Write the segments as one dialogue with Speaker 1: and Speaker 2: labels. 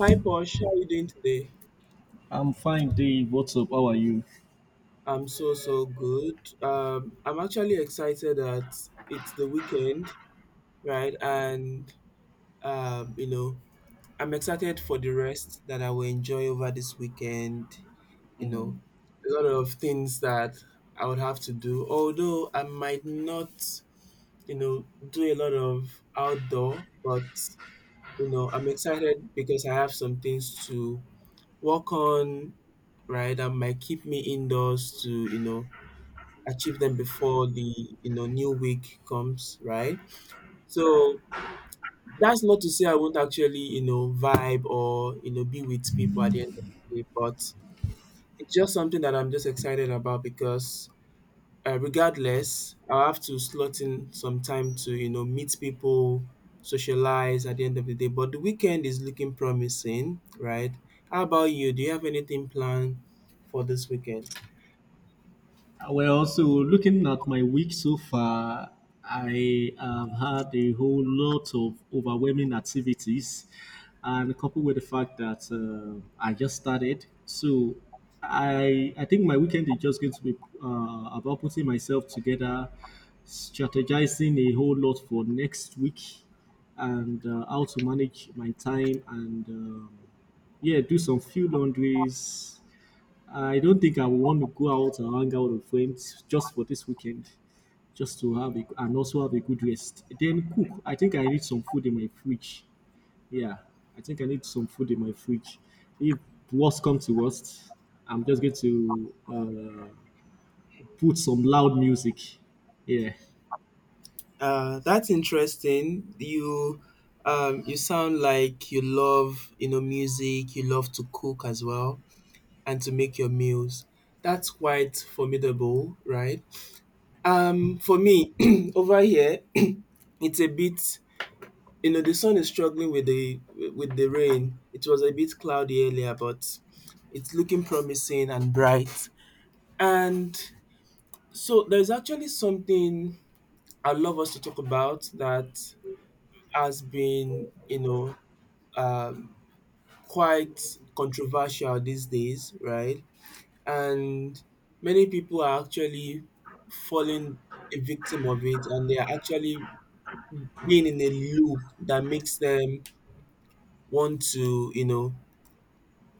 Speaker 1: Hi Posh, how are you doing today?
Speaker 2: I'm fine, Dave. What's up? How are you?
Speaker 1: I'm so good. I'm actually excited that it's the weekend, right? Um, you know, I'm excited for the rest that I will enjoy over this weekend. You know,
Speaker 2: Mm.
Speaker 1: a lot of things that I would have to do. Although I might not, do a lot of outdoor, but I'm excited because I have some things to work on, right? That might keep me indoors to, achieve them before the new week comes, right? So that's not to say I won't actually, vibe or, be with people at the end of the day, but it's just something that I'm just excited about because regardless, I have to slot in some time to, meet people, socialize at the end of the day. But the weekend is looking promising, right? How about you? Do you have anything planned for this weekend?
Speaker 2: Well, so looking at my week so far, I have had a whole lot of overwhelming activities, and coupled with the fact that I just started, so I think my weekend is just going to be about putting myself together, strategizing a whole lot for next week, and how to manage my time and yeah, do some few laundries. I don't think I would want to go out and hang out with friends just for this weekend, just to have a, and also have a good rest. Then cook. I think I need some food in my fridge. Yeah, I think I need some food in my fridge. If worst comes to worst, I'm just going to put some loud music. Yeah.
Speaker 1: That's interesting. You you sound like you love, music. You love to cook as well and to make your meals. That's quite formidable, right? For me, over here, it's a bit. The sun is struggling with the rain. It was a bit cloudy earlier, but it's looking promising and bright. And so there's actually something I'd love us to talk about that has been, um, quite controversial these days, right? And many people are actually falling a victim of it and they are actually being in a loop that makes them want to,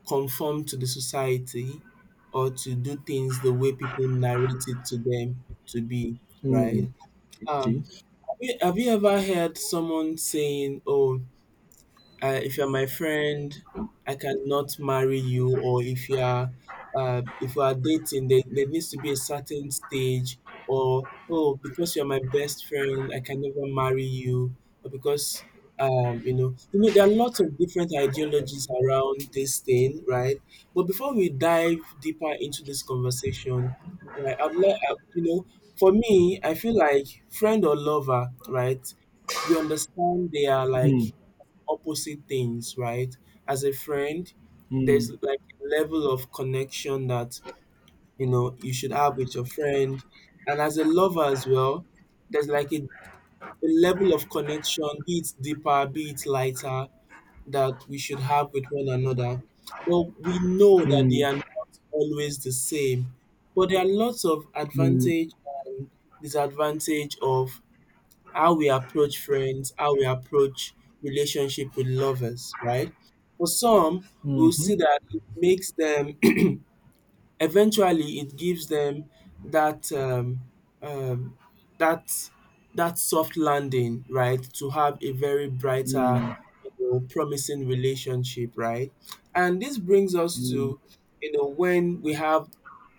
Speaker 1: conform to the society or to do things the way people narrate it to them to be,
Speaker 2: Mm.
Speaker 1: right?
Speaker 2: Okay.
Speaker 1: Have you have you ever heard someone saying, "Oh, if you're my friend, I cannot marry you, or if you are dating, there needs to be a certain stage, or oh, because you're my best friend, I can never marry you, or because there are lots of different ideologies around this thing, right? But before we dive deeper into this conversation, right, I'd like, for me, I feel like friend or lover, right? We understand they are like
Speaker 2: Mm.
Speaker 1: opposite things, right? As a friend, there's
Speaker 2: Mm.
Speaker 1: like a level of connection that you know you should have with your friend, and as a lover as well, there's like a level of connection, be it deeper, be it lighter, that we should have with one another. But we know that they
Speaker 2: Mm.
Speaker 1: are not always the same. But there are lots of
Speaker 2: Mm.
Speaker 1: advantage and disadvantage of how we approach friends, how we approach relationship with lovers, right? For some, we'll see
Speaker 2: Mhm.
Speaker 1: that it makes them eventually it gives them that um um that that soft landing, right? To have a very
Speaker 2: Mm.
Speaker 1: brighter,
Speaker 2: Mm.
Speaker 1: promising relationship, right? And this brings us to, when we have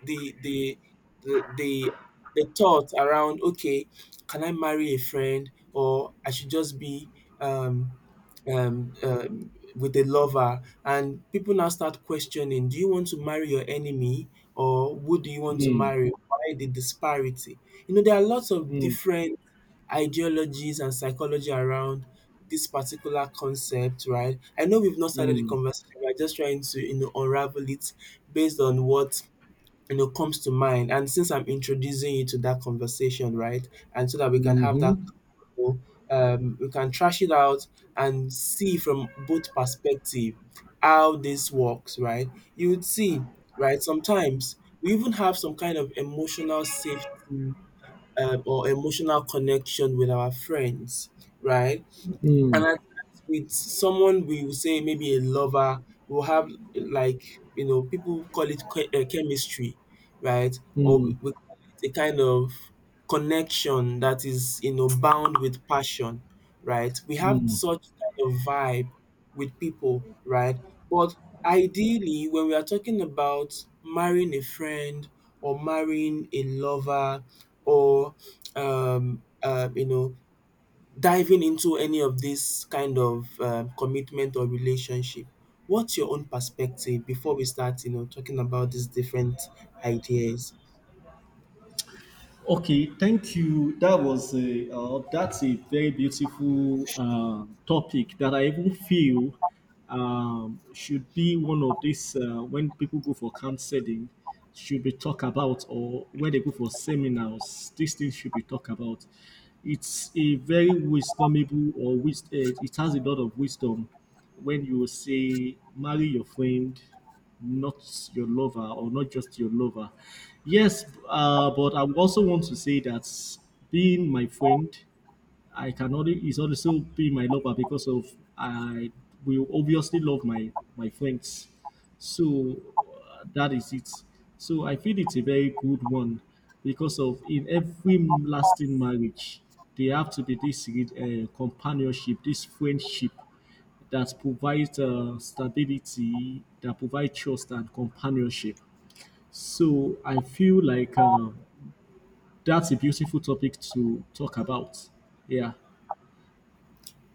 Speaker 1: the the the the, the thought around, okay, can I marry a friend or I should just be um um, um with a lover and people now start questioning, do you want to marry your enemy or who do you want to
Speaker 2: Mm.
Speaker 1: marry? Why the disparity? You know, there are lots of
Speaker 2: Mm.
Speaker 1: different ideologies and psychology around this particular concept, right? I know we've not started the
Speaker 2: Mm.
Speaker 1: conversation. We're just trying to, unravel it based on what you know, comes to mind. And since I'm introducing you to that conversation, right, and so that we can have
Speaker 2: Mhm.
Speaker 1: that, we can trash it out and see from both perspective how this works, right? You would see, right? Sometimes we even have some kind of emotional safety or emotional connection with our friends, right? And
Speaker 2: Mm.
Speaker 1: at times with someone we will say maybe a lover, we'll have like, people call it chemistry, right? Or we
Speaker 2: Mm.
Speaker 1: we call it a kind of connection that is, bound with passion, right? We have
Speaker 2: Mm.
Speaker 1: such kind of vibe with people, right? But ideally, when we are talking about marrying a friend or marrying a lover or um, uh, you know, diving into any of this kind of commitment or relationship, what's your own perspective before we start, talking about these different ideas?
Speaker 2: Okay, thank you. That was a that's a very beautiful topic that I even feel should be one of these when people go for counseling, should be talked about, or when they go for seminars, these things should be talked about. It's a very wisdomable or it has a lot of wisdom when you say marry your friend, not your lover or not just your lover. Yes, but I would also want to say that being my friend I cannot is also be my lover because of I will obviously love my friends. So that is it. So I feel it's a very good one because of in every lasting marriage there have to be this companionship, this friendship that provides stability, that provides trust and companionship. So I feel like that's a beautiful topic to talk about. Yeah.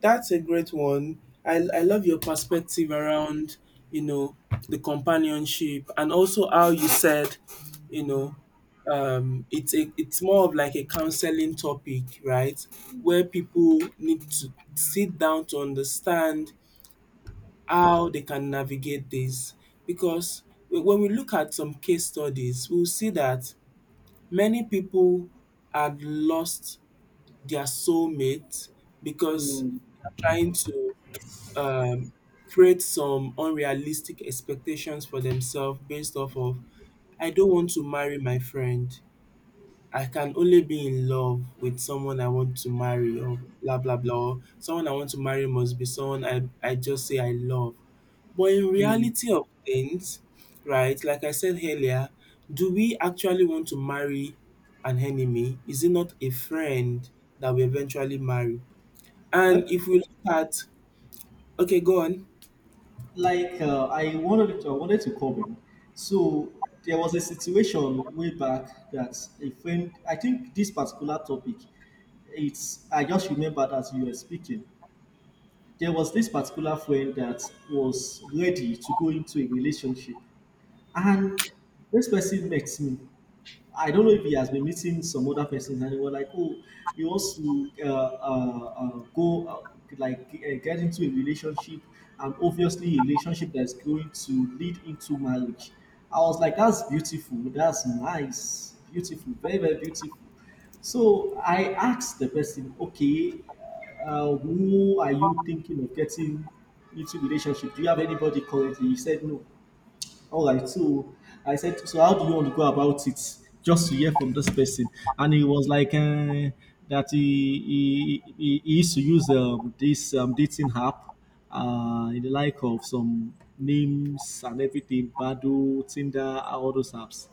Speaker 1: That's a great one. I love your perspective around, you know, the companionship and also how you said, you know, it's it's more of like a counseling topic, right? Where people need to sit down to understand how they can navigate this because when we look at some case studies, we'll see that many people had lost their soulmate because they're trying to um, create some unrealistic expectations for themselves based off of, I don't want to marry my friend. I can only be in love with someone I want to marry or blah blah blah or someone I want to marry must be someone I just say I love. But in reality of things, right, like I said earlier, do we actually want to marry an enemy? Is it not a friend that we eventually marry? And
Speaker 2: That,
Speaker 1: if we look at okay, go on.
Speaker 2: I wanted to comment. So there was a situation way back that a friend. I think this particular topic, it's. I just remembered as you were speaking. There was this particular friend that was ready to go into a relationship, and this person met me. I don't know if he has been meeting some other persons, and they were like, "Oh, he wants to go like get into a relationship, and obviously a relationship that's going to lead into marriage." I was like, "That's beautiful. That's nice. Beautiful. Very very beautiful." So I asked the person, "Okay, who are you thinking of getting into relationship? Do you have anybody currently?" He said, "No." All right. So I said, so how do you want to go about it? Just to hear from this person, and he was like that he, he used to use this dating app, in the like of some names and everything, Badu, Tinder, all those apps.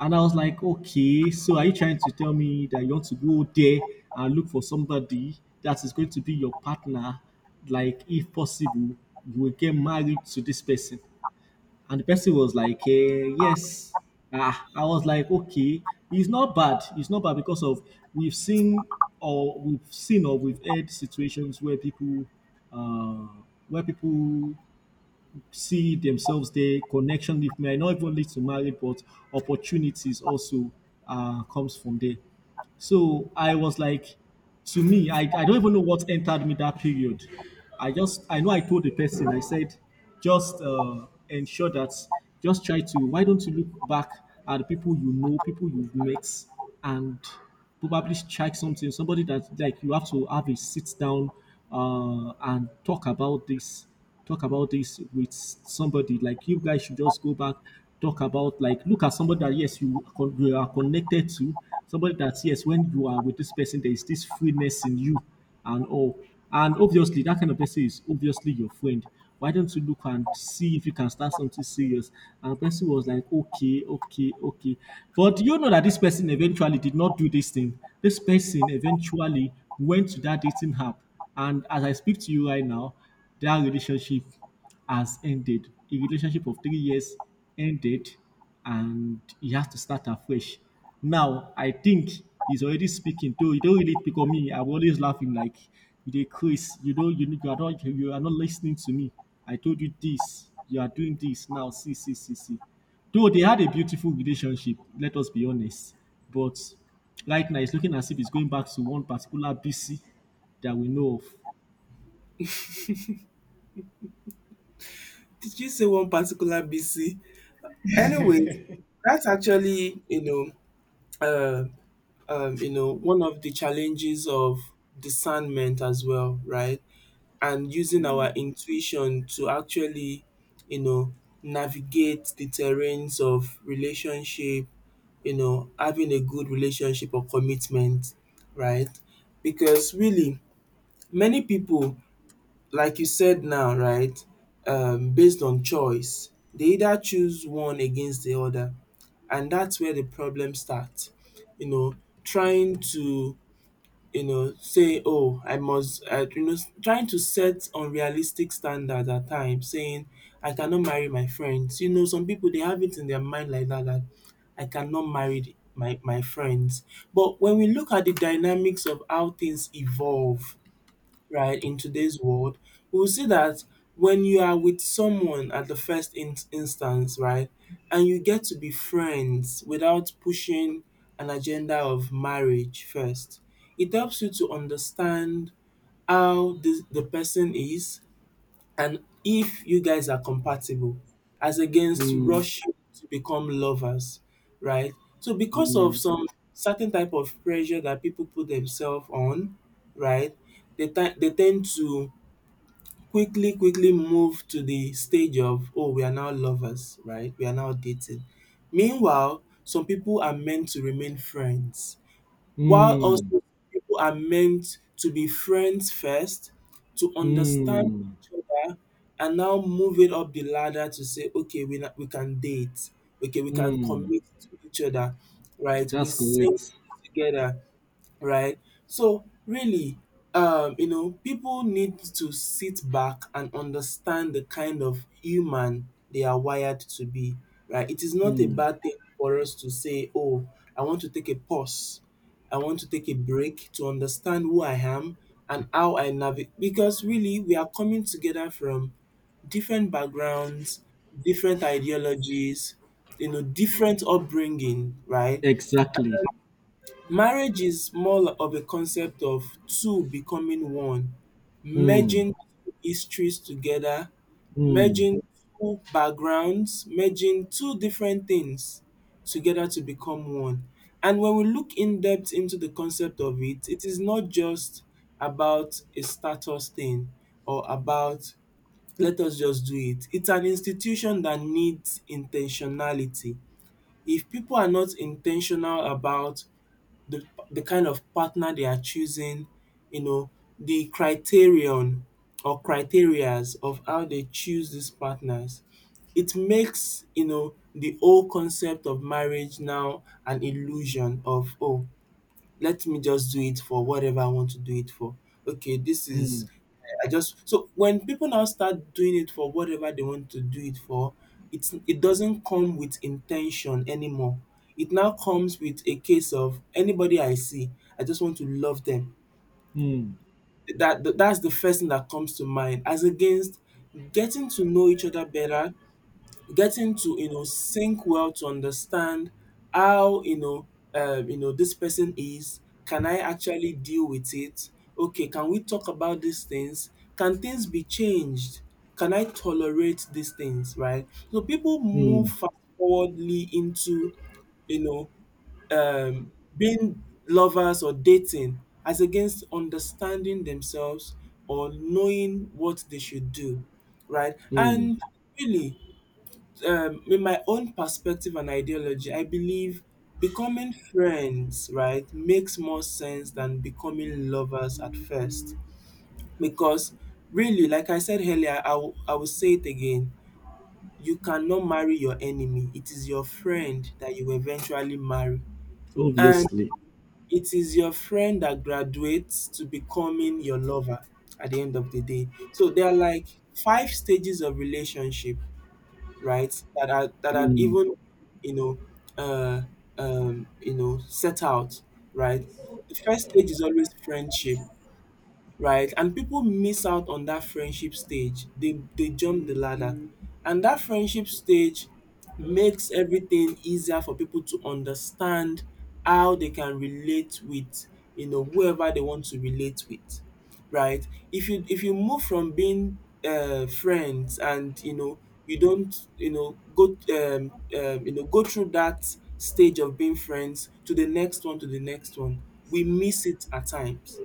Speaker 2: And I was like, okay, so are you trying to tell me that you want to go there and look for somebody that is going to be your partner? Like, if possible, you will get married to this person. And the person was like, eh, yes. Ah, I was like, okay, it's not bad. It's not bad because of we've seen or we've heard situations uh, where people see themselves there, connection with me. I not even lead to marriage, but opportunities also comes from there. So I was like, to me, I don't even know what entered me that period. I just, I know I told the person, I said, just ensure that, just try to, why don't you look back at the people you know, people you've met, and probably check something, somebody that, like, you have to have a sit down and talk about this with somebody. Like you guys should just go back, talk about like look at somebody that yes you are connected to, somebody that yes when you are with this person there is this freeness in you and all. And obviously that kind of person is obviously your friend. Why don't you look and see if you can start something serious? And the person was like, okay. But you know that this person eventually did not do this thing. This person eventually went to that dating app and as I speak to you right now, their relationship has ended. A relationship of 3 years ended, and he has to start afresh. Now, I think he's already speaking. Though you don't really pick on me, I'm always laughing like you Chris. You know, you are not listening to me. I told you this. You are doing this now. See, see. Though they had a beautiful relationship, let us be honest. But right now, it's looking as if it's going back to one particular BC that we know of.
Speaker 1: Did you say one particular BC? Anyway, that's actually, uh one of the challenges of discernment as well, right? And using our intuition to actually, you know, navigate the terrains of relationship, having a good relationship or commitment, right? Because really, many people, like you said now, right, based on choice, they either choose one against the other. And that's where the problem starts. You know, trying to you know, say, oh, I must, I, you know, s- trying to set unrealistic standards at times, saying, I cannot marry my friends. You know, some people, they have it in their mind like that, that I cannot marry my friends. But when we look at the dynamics of how things evolve, right, in today's world, we'll see that when you are with someone at the first instance, right, and you get to be friends without pushing an agenda of marriage first, it helps you to understand how the person is and if you guys are compatible, as against
Speaker 2: Mm,
Speaker 1: rushing to become lovers, right? So because of
Speaker 2: mm.
Speaker 1: some certain type of pressure that people put themselves on, right? They tend to quickly move to the stage of oh we are now lovers, right? We are now dating. Meanwhile, some people are meant to remain friends while
Speaker 2: Mm,
Speaker 1: also people are meant to be friends first, to understand
Speaker 2: mm,
Speaker 1: each other, and now move it up the ladder to say, okay, we can date, okay, we can
Speaker 2: mm.
Speaker 1: commit to each other, right? We
Speaker 2: That's
Speaker 1: sing
Speaker 2: correct.
Speaker 1: together right? So really, you know, people need to sit back and understand the kind of human they are wired to be, right? It is not a
Speaker 2: Mm,
Speaker 1: bad thing for us to say, oh, I want to take a pause. I want to take a break to understand who I am and how I navigate. Because really, we are coming together from different backgrounds, different ideologies, different upbringing, right?
Speaker 2: exactly.
Speaker 1: Marriage is more of a concept of two becoming one,
Speaker 2: Mm,
Speaker 1: merging two histories together,
Speaker 2: mm,
Speaker 1: merging two backgrounds, merging two different things together to become one. And when we look in depth into the concept of it, it is not just about a status thing or about let us just do it. It's an institution that needs intentionality. If people are not intentional about the the kind of partner they are choosing, you know, the criterion or criterias of how they choose these partners. It makes, the whole concept of marriage now an illusion of oh, let me just do it for whatever I want to do it for. Okay, this is
Speaker 2: mm,
Speaker 1: I just so when people now start doing it for whatever they want to do it for, it doesn't come with intention anymore. It now comes with a case of anybody I see, I just want to love them.
Speaker 2: mm,
Speaker 1: That's the first thing that comes to mind, as against getting to know each other better, getting to, sync well to understand how, this person is. Can I actually deal with it? Okay, can we talk about these things? Can things be changed? Can I tolerate these things, right? So people move
Speaker 2: mm,
Speaker 1: fast forwardly into, you know, being lovers or dating as against understanding themselves or knowing what they should do, right?
Speaker 2: mm.
Speaker 1: And really, in my own perspective and ideology, I believe becoming friends, right, makes more sense than becoming lovers at first. Because really, like I said earlier, I will say it again. You cannot marry your enemy. It is your friend that you eventually marry. And
Speaker 2: Obviously.
Speaker 1: it is your friend that graduates to becoming your lover at the end of the day. So there are like five stages of relationship, right? That are that had even you know uh set out, right? The first stage is always friendship, right? And people miss out on that friendship stage. They jump the ladder. Mm. And that friendship stage makes everything easier for people to understand how they can relate with, you know, whoever they want to relate with. Right? If you move from being friends, and you know you don't you know go through that stage of being friends to the next one to the next one. We miss it at times,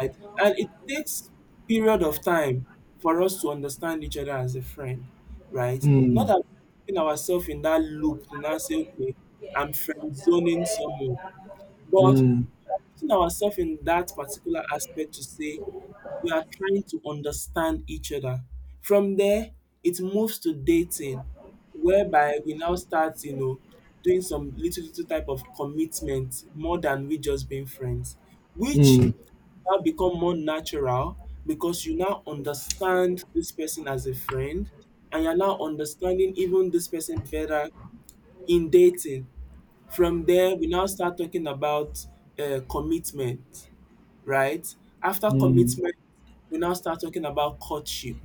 Speaker 1: right? And it takes period of time for us to understand each other as a friend, right? Not
Speaker 2: Mm,
Speaker 1: that we're putting ourselves in that loop to now say, okay, I'm friend zoning someone, but
Speaker 2: mm,
Speaker 1: putting ourselves in that particular aspect to say we are trying to understand each other. From there, it moves to dating, whereby we now start, you know, doing some little little type of commitment more than we just being friends, which
Speaker 2: mm,
Speaker 1: now become more natural because you now understand this person as a friend and you're now understanding even this person better in dating. From there, we now start talking about commitment, right? After
Speaker 2: mm,
Speaker 1: commitment, we now start talking about courtship.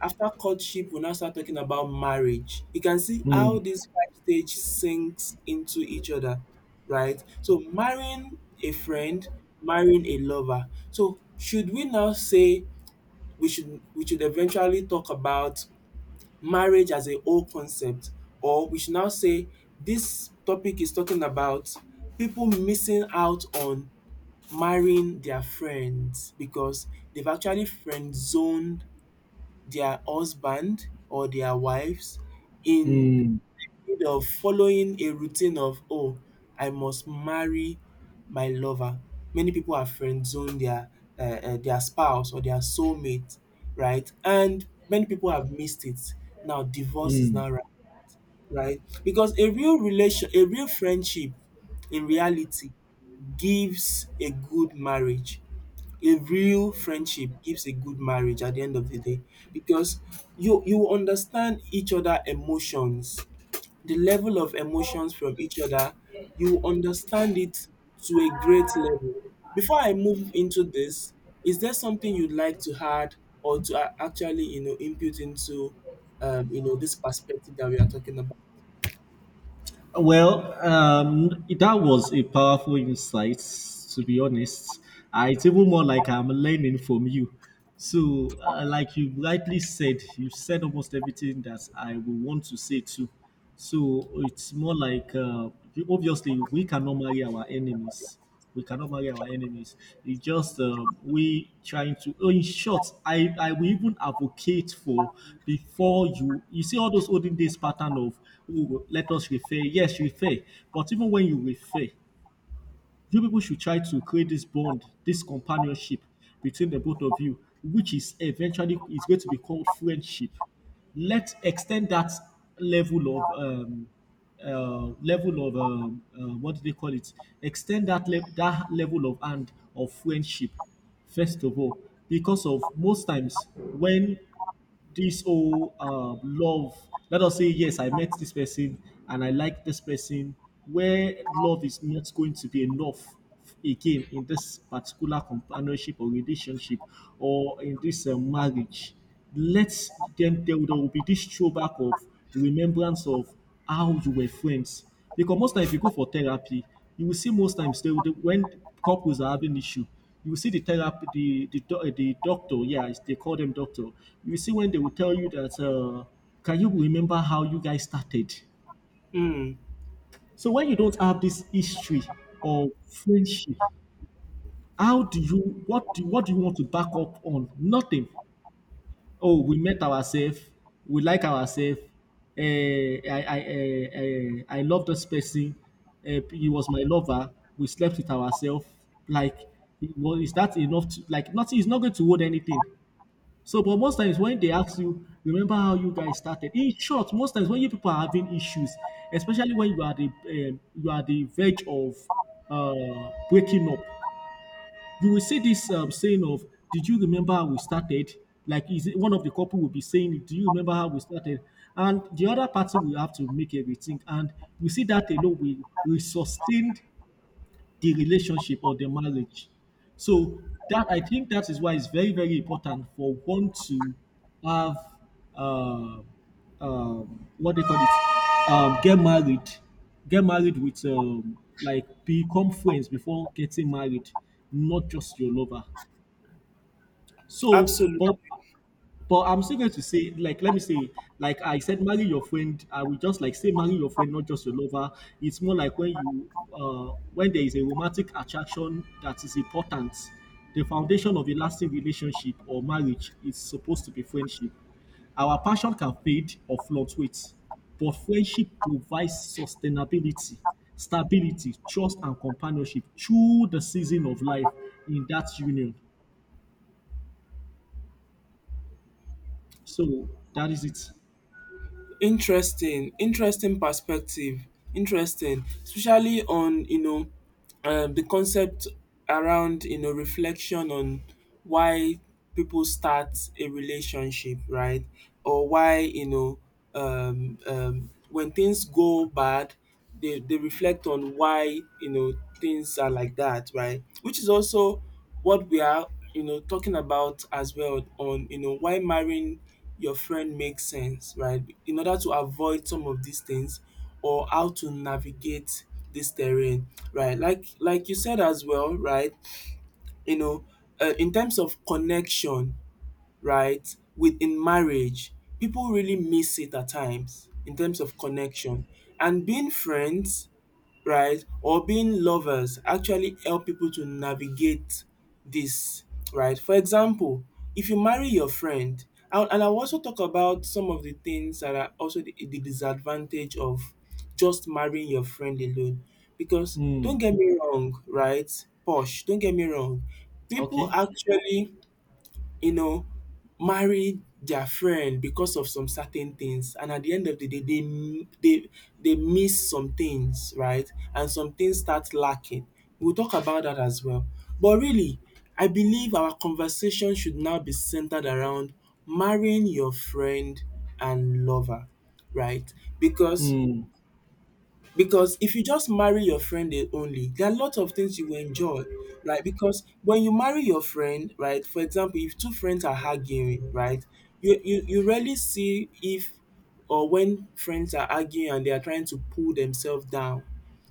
Speaker 1: After courtship, we now start talking about marriage. You can see how
Speaker 2: mm,
Speaker 1: this five stage sinks into each other, right? So marrying a friend, marrying a lover. So should we now say we should eventually talk about marriage as a whole concept, or we should now say this topic is talking about people missing out on marrying their friends because they've actually friend zoned their husband or their wives in,
Speaker 2: mm,
Speaker 1: instead of following a routine of, oh, I must marry my lover. Many people have friend zoned their spouse or their soulmate, right? And many people have missed it. Now divorce is
Speaker 2: mm.
Speaker 1: now right, right? Because a real relation, a real friendship, in reality, gives a good marriage, a real friendship gives a good marriage at the end of the day, because you understand each other emotions, the level of emotions from each other you understand it to a great level. Before I move into this, is there something you'd like to add or to actually, you know, input into you know this perspective that we are talking about?
Speaker 2: Well, that was a powerful insight, to be honest. It's even more like I'm learning from you. So, like you rightly said, you said almost everything that I would want to say too. So, it's more like obviously we cannot marry our enemies. We cannot marry our enemies. It just we trying to. Oh, in short, I will even advocate for before you. You see all those olden days pattern of oh, let us refer. Yes, refer. But even when you refer, you people should try to create this bond, this companionship between the both of you, which is eventually is going to be called friendship. Let's extend that level of um, level of what do they call it? Extend that that level of hand of friendship first of all because of most times when this whole love let us say yes I met this person and I like this person where love is not going to be enough again in this particular companionship or relationship or in this marriage let them there will be this throwback of remembrance of how you were friends because most time if you go for therapy you will see most times they, when couples are having issue you will see the therapy, the doctor. Yeah, it's- they call them doctor. You see when they will tell you that, can you remember how you guys started?
Speaker 1: Mm,
Speaker 2: So when you don't have this history of friendship, how do you what do you want to back up on? Nothing. Oh, we met ourselves. We like ourselves. I love this person. Eh, he was my lover. We slept with ourselves. Like, it was, is that enough? To, like, nothing. It's not going to hold anything. So, but most times when they ask you, remember how you guys started. In short, most times when you people are having issues, especially when you are the verge of breaking up, you will see this saying of, "Did you remember how we started?" Like, is it one of the couple will be saying, "Do you remember how we started?" And the other party will have to make a rethink. And we see that alone will sustain the relationship or the marriage. So that I think that is why it's very very important for one to have uh, what they call it get married with like become friends before getting married, not just your lover. So,
Speaker 1: absolutely.
Speaker 2: but I'm still going to say, like, let me say, like I said, marry your friend. I will just like say, marry your friend, not just your lover. It's more like when you, when there is a romantic attraction that is important. The foundation of a lasting relationship or marriage is supposed to be friendship. Our passion can fade or fluctuate, but friendship provides sustainability, stability, trust, and companionship through the season of life in that union. So that is it.
Speaker 1: Interesting, interesting perspective, interesting especially on you know the concept around, you know, reflection on why people start a relationship, right? Or why, you know, when things go bad, they reflect on why, you know, things are like that, right? Which is also what we are, you know, talking about as well, on you know why marrying your friend makes sense, right? In order to avoid some of these things or how to navigate this terrain, right? Like you said as well, right? You know, in terms of connection, right, within marriage, people really miss it at times in terms of connection. And being friends, right? Or being lovers actually help people to navigate this, right? For example, if you marry your friend, and I will also talk about some of the things that are also the disadvantage of just marrying your friend alone. Because
Speaker 2: Hmm.
Speaker 1: don't get me wrong, right? Posh, don't get me wrong. People
Speaker 2: Okay.
Speaker 1: actually, you know, marry their friend because of some certain things, and at the end of the day they they miss some things, right? And some things start lacking. We'll talk about that as well. But really, I believe our conversation should now be centered around marrying your friend and lover, right? Because
Speaker 2: Hmm.
Speaker 1: because if you just marry your friend eh only, there are a lot of things you will enjoy, right? Because when you marry your friend, right, for example, if two friends are arguing, right, you rarely see if or when friends are arguing and they are trying to pull themselves down,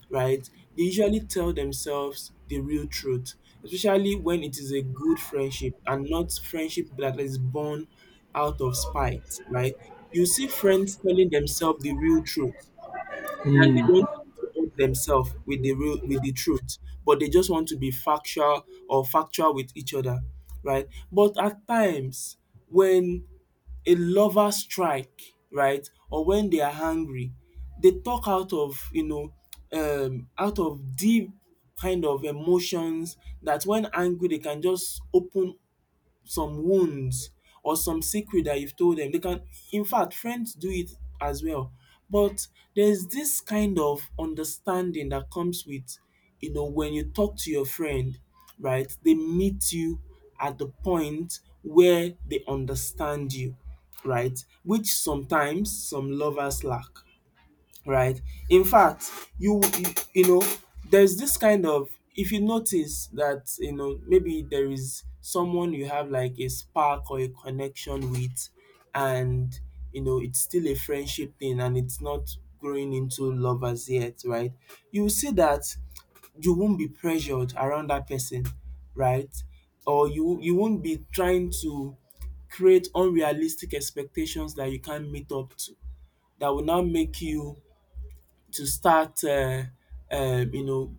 Speaker 1: right? They usually tell themselves the real truth, especially when it is a good friendship and not friendship that is born out of spite, right? You see friends telling themselves the real truth, and they
Speaker 2: Hmm.
Speaker 1: don't support themselves with the real with the truth, but they just want to be factual or factual with each other, right? But at times when a lover strike, right, or when they are angry, they talk out of you know out of deep kind of emotions that when angry they can just open some wounds or some secret that you've told them. They can, in fact, friends do it as well. But there's this kind of understanding that comes with, you know, when you talk to your friend, right? They meet you at the point where they understand you, right? Which sometimes some lovers lack, right? In fact, you you know, there's this kind of, if you notice that, you know, maybe there is someone you have like a spark or a connection with, and you know it's still a friendship thing and it's not growing into love as yet, right? You will see that you won't be pressured around that person, right? Or you won't be trying to create unrealistic expectations that you can't meet up to that will now make you to start you know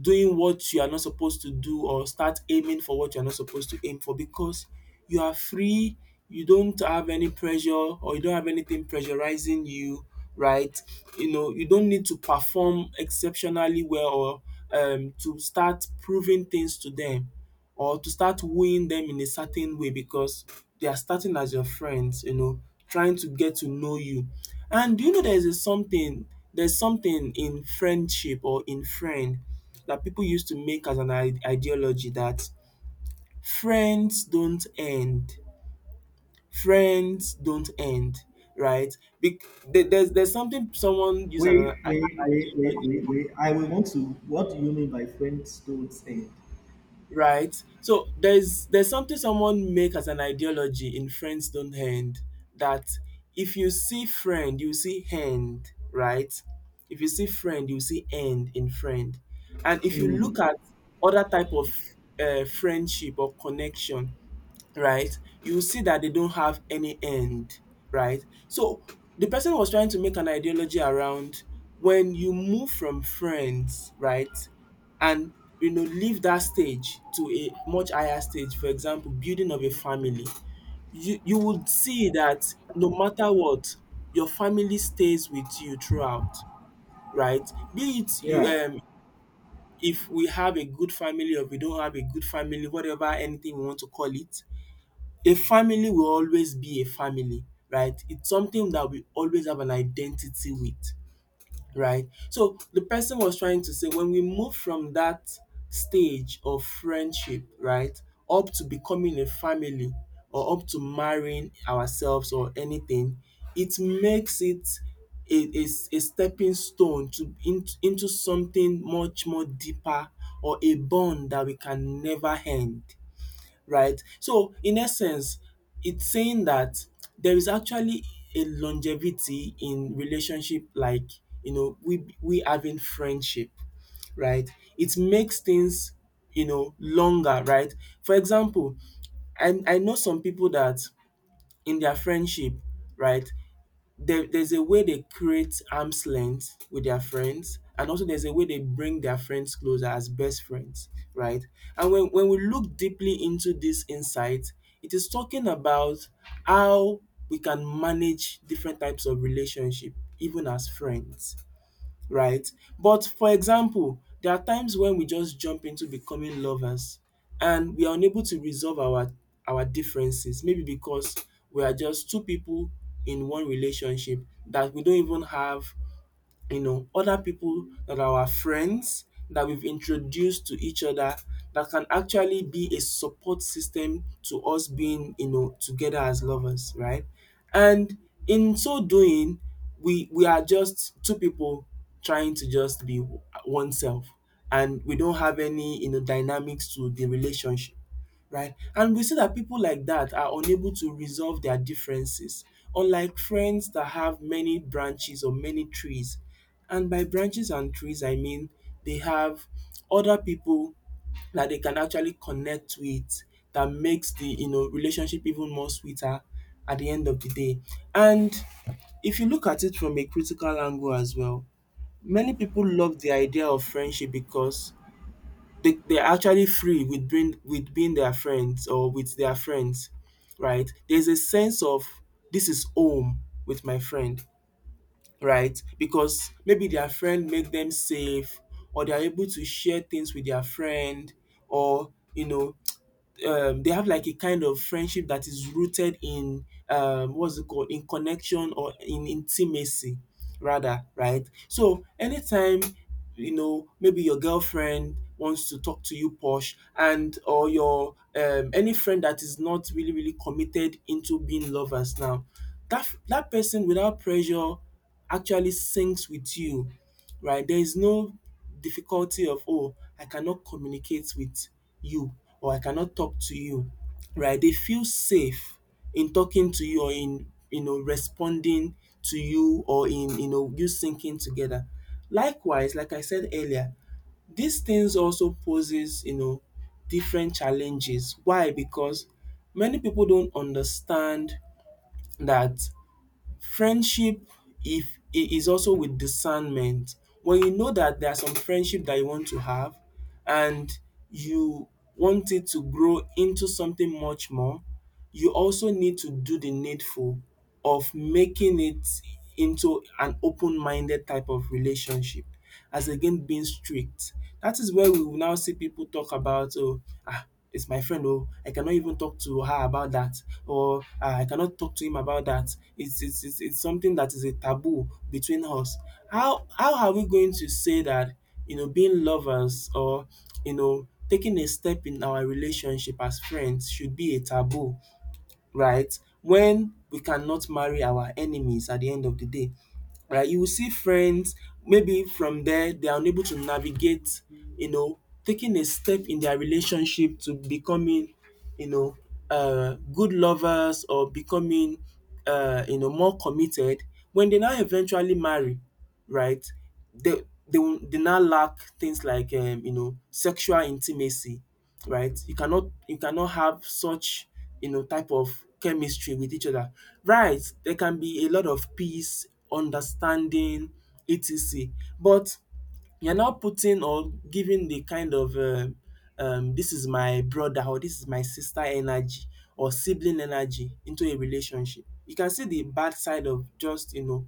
Speaker 1: doing what you are not supposed to do or start aiming for what you are not supposed to aim for, because you are free, you don't have any pressure or you don't have anything pressurizing you, right? You know, you don't need to perform exceptionally well or to start proving things to them or to start wooing them in a certain way because they are starting as your friends, you know, trying to get to know you. And do you know there's a something, there's something in friendship or in friend that people used to make as an ideology that friends don't end. Friends don't end, right? Bec- there's something someone used as an
Speaker 2: Wait, wait,
Speaker 1: ideology,
Speaker 2: wait, wait, wait, wait. I will want to. What do you mean by friends don't end?
Speaker 1: right? So there's something someone make as an ideology in Friends Don't End that if you see friend, you see end, right? If you see friend, you see end in friend. And if you look at other type of friendship or connection, right? You will see that they don't have any end, right? So the person was trying to make an ideology around when you move from friends, right? And you know, leave that stage to a much higher stage, for example, building of a family, you would see that no matter what, your family stays with you throughout, right? Be it you
Speaker 2: Yeah.
Speaker 1: um, if we have a good family or we don't have a good family, whatever anything we want to call it, a family will always be a family, right? It's something that we always have an identity with, right? So the person was trying to say when we move from that stage of friendship, right, up to becoming a family or up to marrying ourselves or anything, it makes it a a a stepping stone to into something much more deeper or a bond that we can never end, right? So in essence, it's saying that there is actually a longevity in relationship, like you know we having friendship, right? It makes things you know longer, right? For example, I know some people that in their friendship, right, there's a way they create arm's length with their friends, and also there's a way they bring their friends closer as best friends, right? And when we look deeply into this insight, it is talking about how we can manage different types of relationship even as friends, right? But for example, there are times when we just jump into becoming lovers and we are unable to resolve our differences maybe because we are just two people in one relationship that we don't even have, you know, other people that are our friends that we've introduced to each other that can actually be a support system to us being, you know, together as lovers, right? And in so doing, we are just two people trying to just be oneself, and we don't have any, you know, dynamics to the relationship, right? And we see that people like that are unable to resolve their differences, unlike friends that have many branches or many trees. And by branches and trees, I mean they have other people that they can actually connect with that makes the you know relationship even more sweeter at the end of the day. And if you look at it from a critical angle as well, many people love the idea of friendship because they're actually free with being their friends or with their friends, right? There's a sense of this is home with my friend, right? Because maybe their friend made them safe, or they're able to share things with their friend, or you know they have like a kind of friendship that is rooted in what's it called, in connection or in intimacy rather. Right, so anytime, you know, maybe your girlfriend wants to talk to you posh, and or your any friend that is not really committed into being lovers now, that person, without pressure, actually sings with you, right? There is no difficulty of, oh, I cannot communicate with you, or I cannot talk to you, right? They feel safe in talking to you, or in you know responding to you, or in you know you syncing together. Likewise, like I said earlier, these things also poses you know different challenges. Why? Because many people don't understand that friendship, if I- is also with discernment. When you know that there are some friendship that you want to have, and you want it to grow into something much more, you also need to do the needful of making it into an open minded type of relationship, as against being strict. That is where we will now see people talk about, oh, ah, it's my friend, oh, I cannot even talk to her about that, or ah, I cannot talk to him about that. It's something that is a taboo between us. How are we going to say that you know being lovers or you know taking a step in our relationship as friends should be a taboo, right? When we cannot marry our enemies at the end of the day, right? You will see friends maybe from there they are unable to navigate, you know, taking a step in their relationship to becoming, you know, good lovers, or becoming you know more committed when they now eventually marry, right? They now lack things like you know sexual intimacy, right? You cannot have such you know type of chemistry with each other, right? There can be a lot of peace, understanding, etc. But you're not putting or giving the kind of this is my brother or this is my sister energy, or sibling energy, into a relationship. You can see the bad side of just, you know,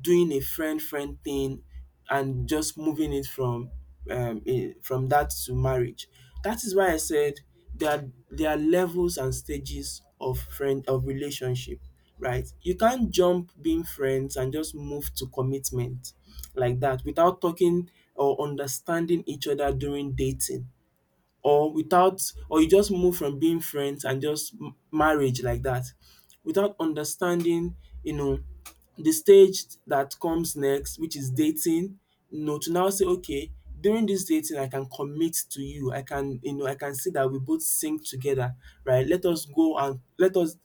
Speaker 1: doing a friend thing and just moving it from from that to marriage. That is why I said there are, there are levels and stages of friend of relationship, right? You can't jump being friends and just move to commitment like that without talking or understanding each other during dating, or without, or you just move from being friends and just marriage like that, without understanding you know the stage that comes next, which is dating, you know, to now say, okay, during this dating I can commit to you, I can you know I can see that we both sync together, right? Let us go and let us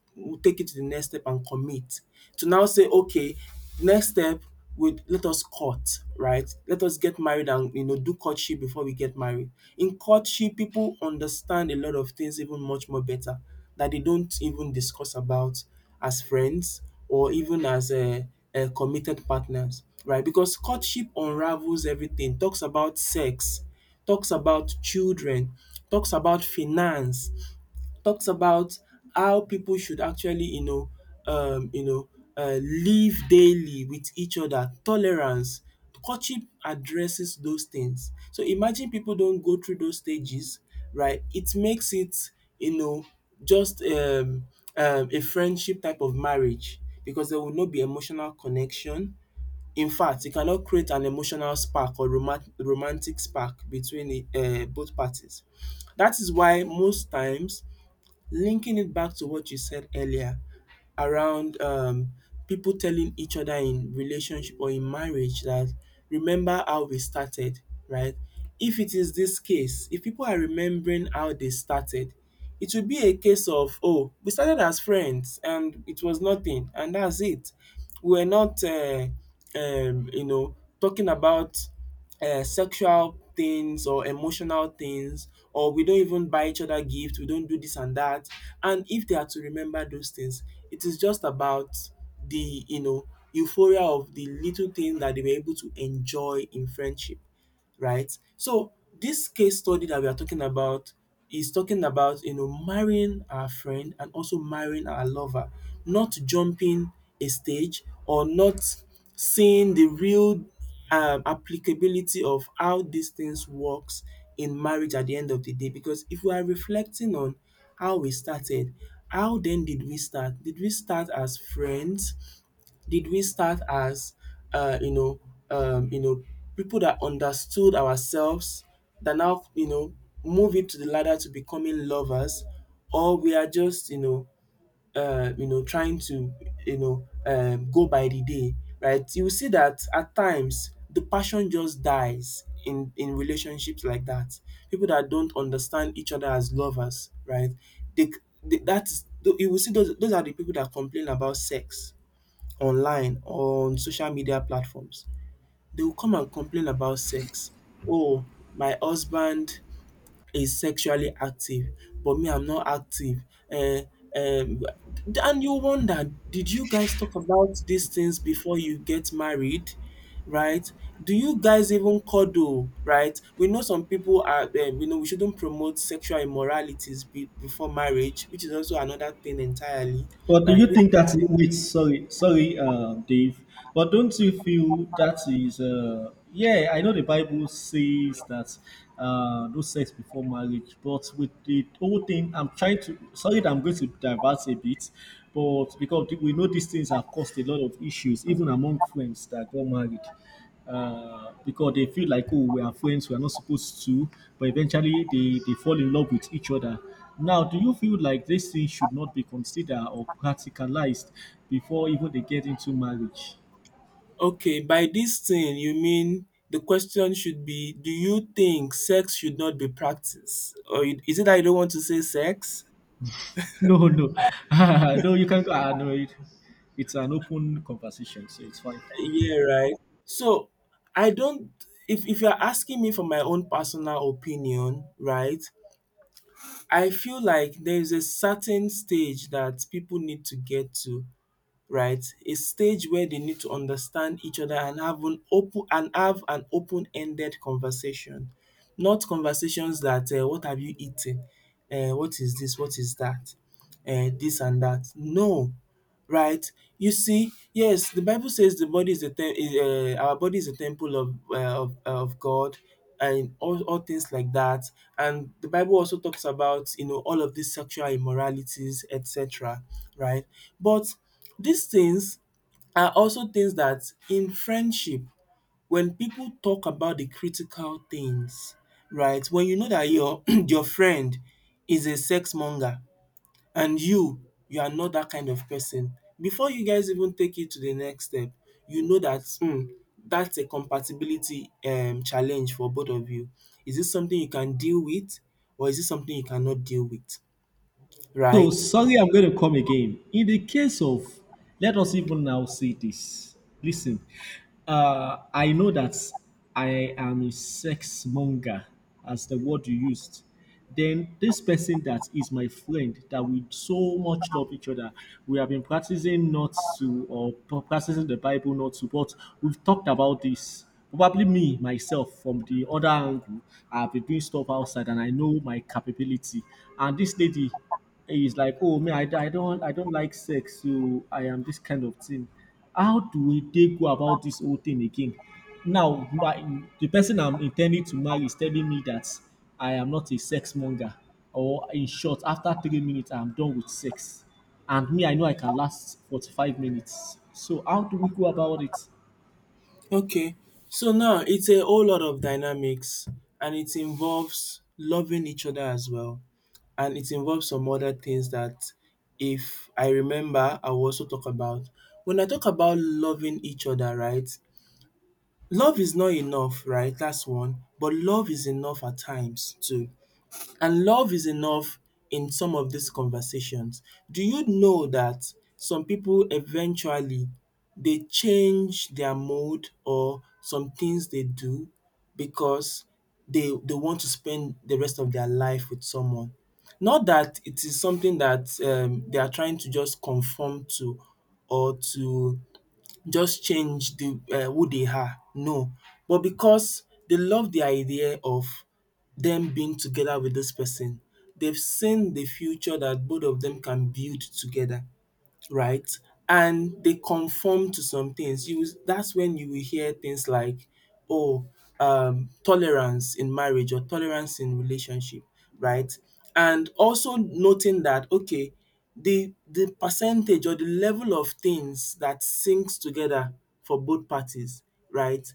Speaker 1: take it to the next step and commit, to now say okay, next step would, let us court, right? Let us get married and you know do courtship before we get married. In courtship, people understand a lot of things even much more better, that they don't even discuss about as friends, or even as a committed partners, right? Because courtship unravels everything. Talks about sex, talks about children, talks about finance, talks about how people should actually, you know, live daily with each other, tolerance. Courtship addresses those things. So imagine people don't go through those stages, right? It makes it, you know, just a friendship type of marriage because there will not be emotional connection. In fact, you cannot create an emotional spark or romantic spark between the, both parties. That is why most times, linking it back to what you said earlier around people telling each other in relationship or in marriage that, remember how we started, right? If it is this case, if people are remembering how they started, it will be a case of, oh, we started as friends and it was nothing, and that's it. We were not, you know, talking about sexual things or emotional things, or we don't even buy each other gifts, we don't do this and that. And if they are to remember those things, it is just about the you know euphoria of the little things that they were able to enjoy in friendship, right? So this case study that we are talking about is talking about you know marrying our friend and also marrying our lover, not jumping a stage, or not seeing the real applicability of how these things works in marriage at the end of the day. Because if we are reflecting on how we started, how then did we start? Did we start as friends? Did we start as uh, you know you know people that understood ourselves, that now you know move it to the ladder to becoming lovers? Or we are just you know trying to you know go by the day? Right, you will see that at times the passion just dies in relationships like that. People that don't understand each other as lovers, right? they, they that's You will see those are the people that complain about sex online or on social media platforms. They will come and complain about sex. Oh, my husband is sexually active, but me, I'm not active. Eh, um, and you wonder, did you guys talk about these things before you get married? Right? Do you guys even cuddle? Right? We know some people are, you know, we shouldn't promote sexual immoralities before marriage, which is also another thing entirely,
Speaker 2: But do
Speaker 1: right?
Speaker 2: you think that wait, sorry, Dave. But don't you feel that is yeah, I know the Bible says that no sex before marriage, but with the whole thing I'm trying to sorry that I'm going to divert a bit, but because we know these things have caused a lot of issues, even among friends that got married. Because they feel like, oh, we are friends, we are not supposed to, but eventually they fall in love with each other. Now do you feel like this thing should not be considered or practicalized before even they get into marriage?
Speaker 1: Okay, by this thing you mean the question should be, do you think sex should not be practiced, is it that you don't want to say sex?
Speaker 2: No, no. No, you can go ah, no it, it's an open conversation, so it's fine.
Speaker 1: Yeah, right. So I don't, if you're asking me for my own personal opinion, right? I feel like there is a certain stage that people need to get to, right? A stage where they need to understand each other and have an open-ended conversation. Not conversations that what have you eaten? What is this? What is that? This and that. No, right? You see, yes, the Bible says the body is the our body is a temple of of God, and all things like that. And the Bible also talks about you know all of these sexual immoralities, etc. Right? But these things are also things that, in friendship, when people talk about the critical things, right? When you know that your your friend is a sex monger, and you are not that kind of person, before you guys even take it to the next step, you know that, hmm, that's a compatibility challenge for both of you. Is this something you can deal with, or is this something you cannot deal with,
Speaker 2: So
Speaker 1: right?
Speaker 2: sorry, I'm going to come again. In the case of, let us even now say this. Listen, I know that I am a sex monger, as the word you used. Then this person that is my friend, that we so much love each other, we have been practicing not to, or practicing the Bible not to, but we've talked about this. Probably me, myself, from the other angle, I've been doing stuff outside and I know my capability. And this lady, he's like, oh man, I don't like sex, so I am this kind of thing. How do they go about this whole thing again? Now, the person I'm intending to marry is telling me that I am not a sex monger, or in short, after 3 minutes, I'm done with sex, and me, I know I can last 45 minutes. So how do we go about it?
Speaker 1: Okay, so now it's a whole lot of dynamics, and it involves loving each other as well, and it involves some other things that, if I remember, I will also talk about. When I talk about loving each other, right, love is not enough, right? That's one. But love is enough at times too. And love is enough in some of these conversations. Do you know that some people eventually, they change their mode or some things they do, because they want to spend the rest of their life with someone. Not that it is something that they are trying to just conform to, or to just change the who they are, no. But because they love the idea of them being together with this person, they've seen the future that both of them can build together, right? And they conform to some things. You will, that's when you will hear things like, oh, tolerance in marriage or tolerance in relationship, right? And also noting that okay, the percentage or the level of things that sinks together for both parties, right,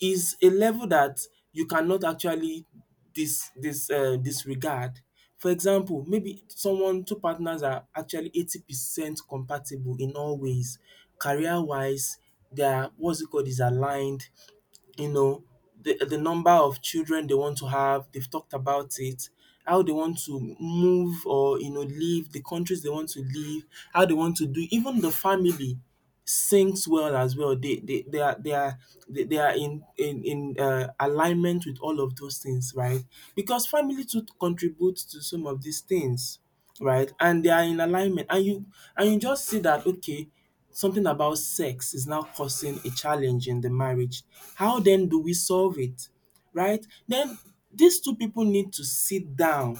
Speaker 1: is a level that you cannot actually disregard. For example, maybe someone, two partners are actually 80% compatible in all ways. Career wise, they are what's it called, is aligned, you know, the number of children they want to have, they've talked about it, how they want to move or you know leave, the countries they want to leave, how they want to do, even the family syncs well as well. They are they are they are in alignment with all of those things, right? Because family too contributes to some of these things, right? And they are in alignment, and you just see that, okay, something about sex is now causing a challenge in the marriage. How then do we solve it, right? Then these two people need to sit down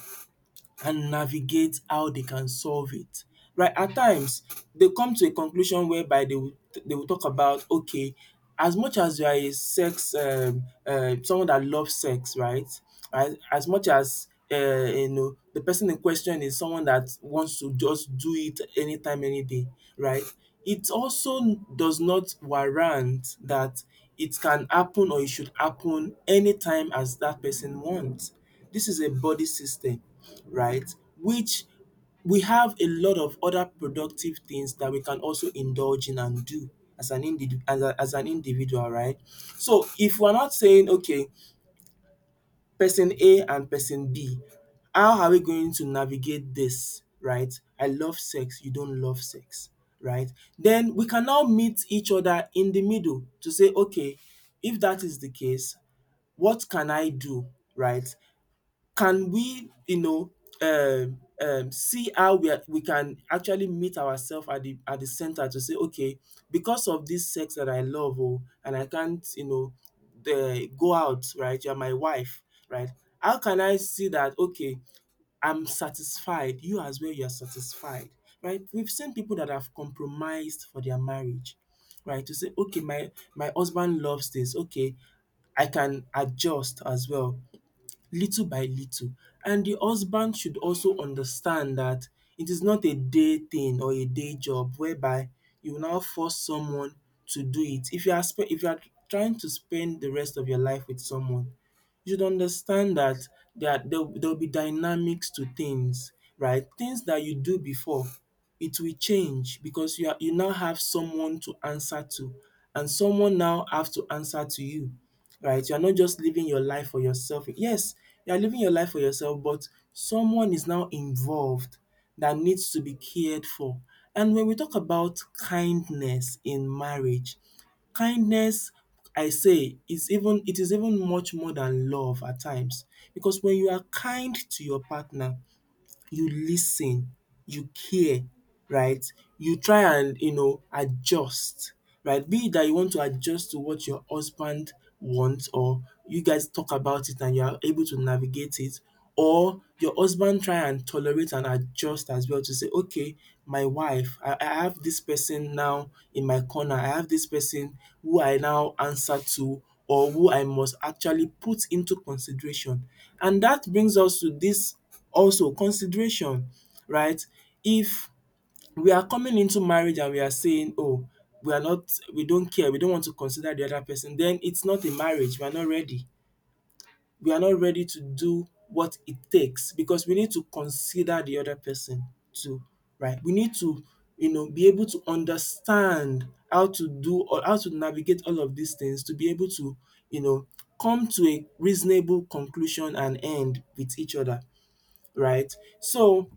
Speaker 1: and navigate how they can solve it. Right, at times they come to a conclusion whereby they will talk about, okay, as much as you are a sex someone that loves sex, right? As much as you know the person in question is someone that wants to just do it anytime, any day, right? It also does not warrant that it can happen or it should happen anytime as that person wants. This is a body system, right? Which we have a lot of other productive things that we can also indulge in and do as an individual, right? So if we're not saying, okay, person A and person B, how are we going to navigate this, right? I love sex, you don't love sex, right? Then we can now meet each other in the middle to say, okay, if that is the case, what can I do, right? Can we, you know, see how we can actually meet ourselves at the center to say, okay, because of this sex that I love, oh, and I can't, you know, the go out, right, you are my wife, right, how can I see that, okay, I'm satisfied, you as well, you are satisfied, right? We've seen people that have compromised for their marriage, right, to say, okay, my husband loves this, okay, I can adjust as well, little by little. And the husband should also understand that it is not a day thing or a day job whereby you now force someone to do it. If you are trying to spend the rest of your life with someone, you should understand that there will be dynamics to things, right? Things that you do before, it will change because you now have someone to answer to, and someone now have to answer to you, right? You're not just living your life for yourself. Yes, you're living your life for yourself, but someone is now involved that needs to be cared for. And when we talk about kindness in marriage, kindness, I say, is even it is even much more than love at times, because when you are kind to your partner, you lis ten, you care, right? You try and, adjust, right? Be it dat you want to adjust to what your husband wants, or you guys talk about it and you are able to navigate it, or your husband try and tolerate and adjust as well to say, okay, my wife, I have this person now in my corner, I have this person who I now answer to or who I must actually put into consideration, and that brings us to this. Also consideration, right? If we are coming into marriage and we are saying, "Oh, we are not we don't care, we don't want to consider the other person," then it's not a marriage, we are not ready. We are not ready to do what it takes because we need to consider the other person too, right? We need to, be able to understand how to do or how to navigate all of these things to be able to, you know come to a reasonable conclusion and end with each other, right? So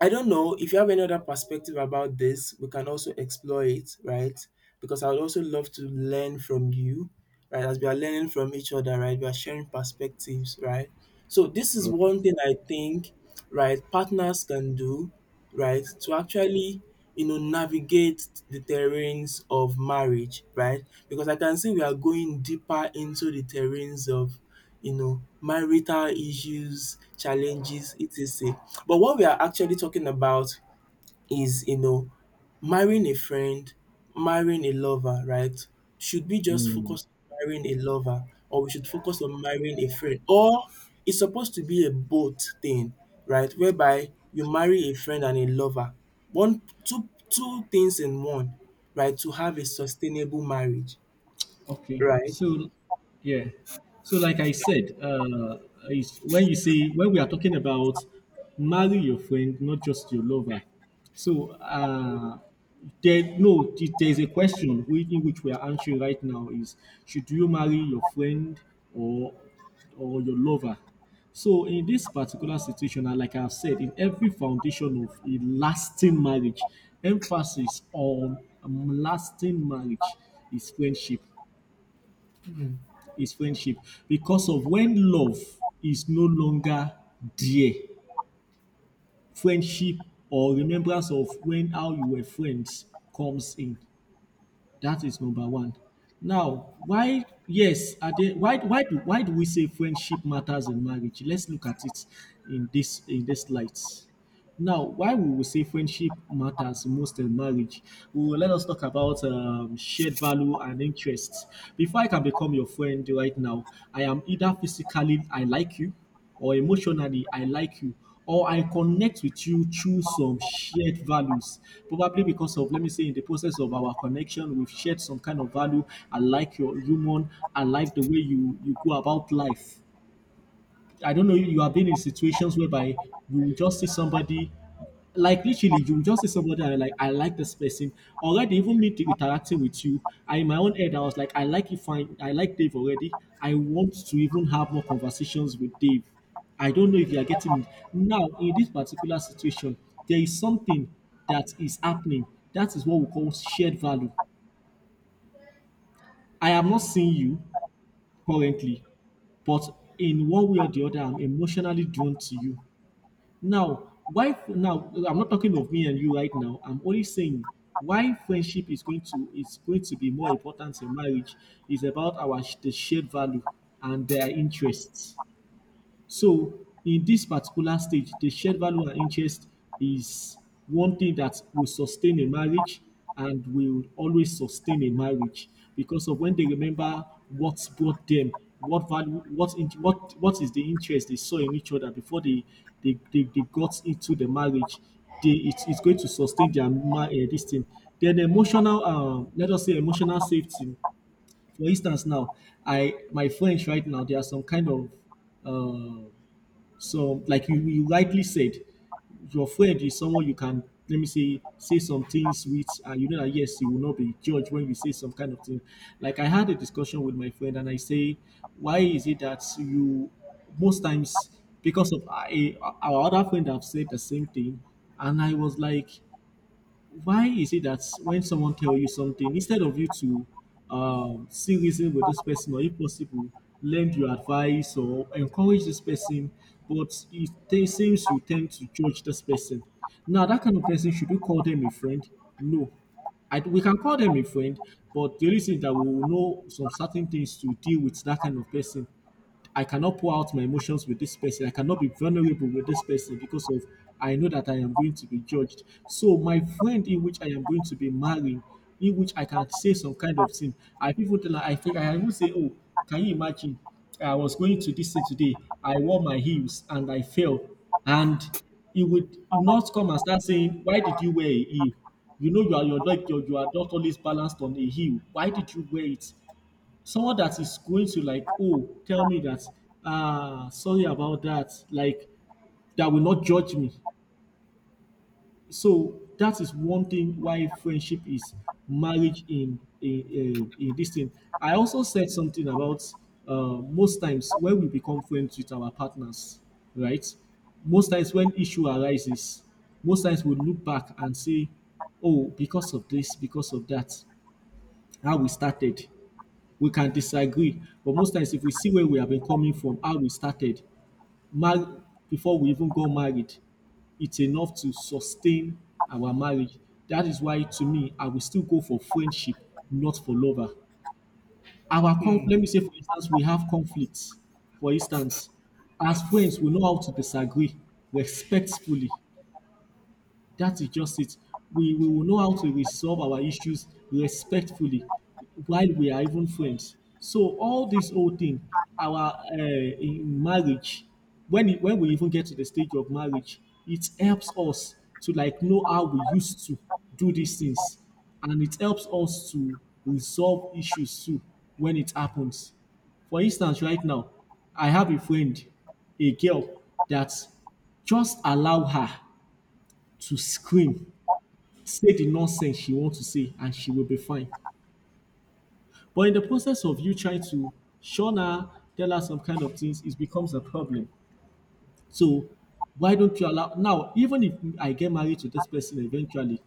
Speaker 1: I don't know if you have any other perspective about this, we can also explore it, right? Because I would also love to learn from you, right? As we are learning from each other, right? We are sharing perspectives, right? So this is
Speaker 2: Okay.
Speaker 1: one thing I think, right, partners can do, right, to actually, navigate the terrains of marriage, right? Because I can see we are going deeper into the terrains of, marital issues, challenges, etc. But what we are actually talking about is, marrying a friend, marrying a lover, right? Should we just focus on marrying a lover, or we should focus on marrying a friend? Or it's supposed to be a both thing, right? Whereby you marry a friend and a lover. One two two things in one, right? To have a sustainable marriage,
Speaker 2: Okay,
Speaker 1: right?
Speaker 2: so yeah, so like I said, is when you see when we are talking about marry your friend, not just your lover. So there no, there is a question which, in which we are answering right now is, should you marry your friend or your lover? So in this particular situation, and like I've said, in every foundation of a lasting marriage, emphasis on lasting marriage, is friendship, is friendship, because of when love is no longer there, friendship or remembrance of when how you were friends comes in. That is number one. Now, why? Yes, are there, why? Why do we say friendship matters in marriage? Let's look at it in this light. Now, why we will say friendship matters most in marriage, we will let us talk about shared value and interests. Before I can become your friend right now, I am either physically I like you, or emotionally I like you, or I connect with you through some shared values. Probably because of, let me say, in the process of our connection, we've shared some kind of value. I like your human. I like the way you go about life. I don't know if you have been in situations whereby you will just see somebody, like literally, you will just see somebody and you're like, I like this person. Already, even interacting with you, I in my own head, I was like, I like you fine, I like Dave already. I want to even have more conversations with Dave. I don't know if you are getting it. Now, in this particular situation, there is something that is happening. That is what we call shared value. I am not seeing you currently, but in one way or the other, I'm emotionally drawn to you. Now, why? Now, I'm not talking of me and you right now. I'm only saying why friendship is going to be more important in marriage is about the shared value and their interests. So in this particular stage, the shared value and interest is one thing that will sustain a marriage and will always sustain a marriage because of when they remember what brought them, what value, what is the interest they saw in each other before they got into the marriage. It's going to sustain their this thing. Then emotional, let us say emotional safety. For instance, now I my friends right now, there are some kind of uh, so, like you rightly said, your friend is someone you can, let me say, some things with, and you know that yes, you will not be judged when you say some kind of thing. Like I had a discussion with my friend, and I say, why is it that you most times, because of our other friend have said the same thing, and I was like, why is it that when someone tell you something, instead of you to see reason with this person, or if possible lend your advice or encourage this person, but it seems you tend to judge this person, now that kind of person, should you call them a friend? No, I, we can call them a friend, but the only thing that we will know some certain things to deal with that kind of person. I cannot pour out my emotions with this person. I cannot be vulnerable with this person because of I know that I am going to be judged. So my friend in which I am going to be marrying, in which I can say some kind of thing. I people tell her, I think I even say, oh, can you imagine? I was going to this thing today. I wore my heels and I fell. And he would not come and start saying, why did you wear a heel? You know you are your leg, you are not always balanced on a heel. Why did you wear it? Someone that is going to like, oh, tell me that, ah, sorry about that, like, that will not judge me. So that is one thing why friendship is marriage in this thing. I also said something about, most times when we become friends with our partners, right, most times when issue arises, most times we look back and say, oh, because of this, because of that, how we started, we can disagree. But most times, if we see where we have been coming from, how we started, mar- before we even got married, it's enough to sustain our marriage. That is why, to me, I will still go for friendship, not for lover.
Speaker 1: Hmm,
Speaker 2: Let me say, for instance, we have conflicts. For instance, as friends, we know how to disagree respectfully, that is just it. We will know how to resolve our issues respectfully while we are even friends. So all this whole thing, our in marriage, when we even get to the stage of marriage, it helps us to like know how we used to do these things, and it helps us to resolve issues too when it happens. For instance, right now, I have a friend, a girl, that just allow her to scream, say the nonsense she want to say, and she will be fine. But in the process of you trying to shun her, tell her some kind of things, it becomes a problem. So why don't you allow now, even if I get married to this person eventually,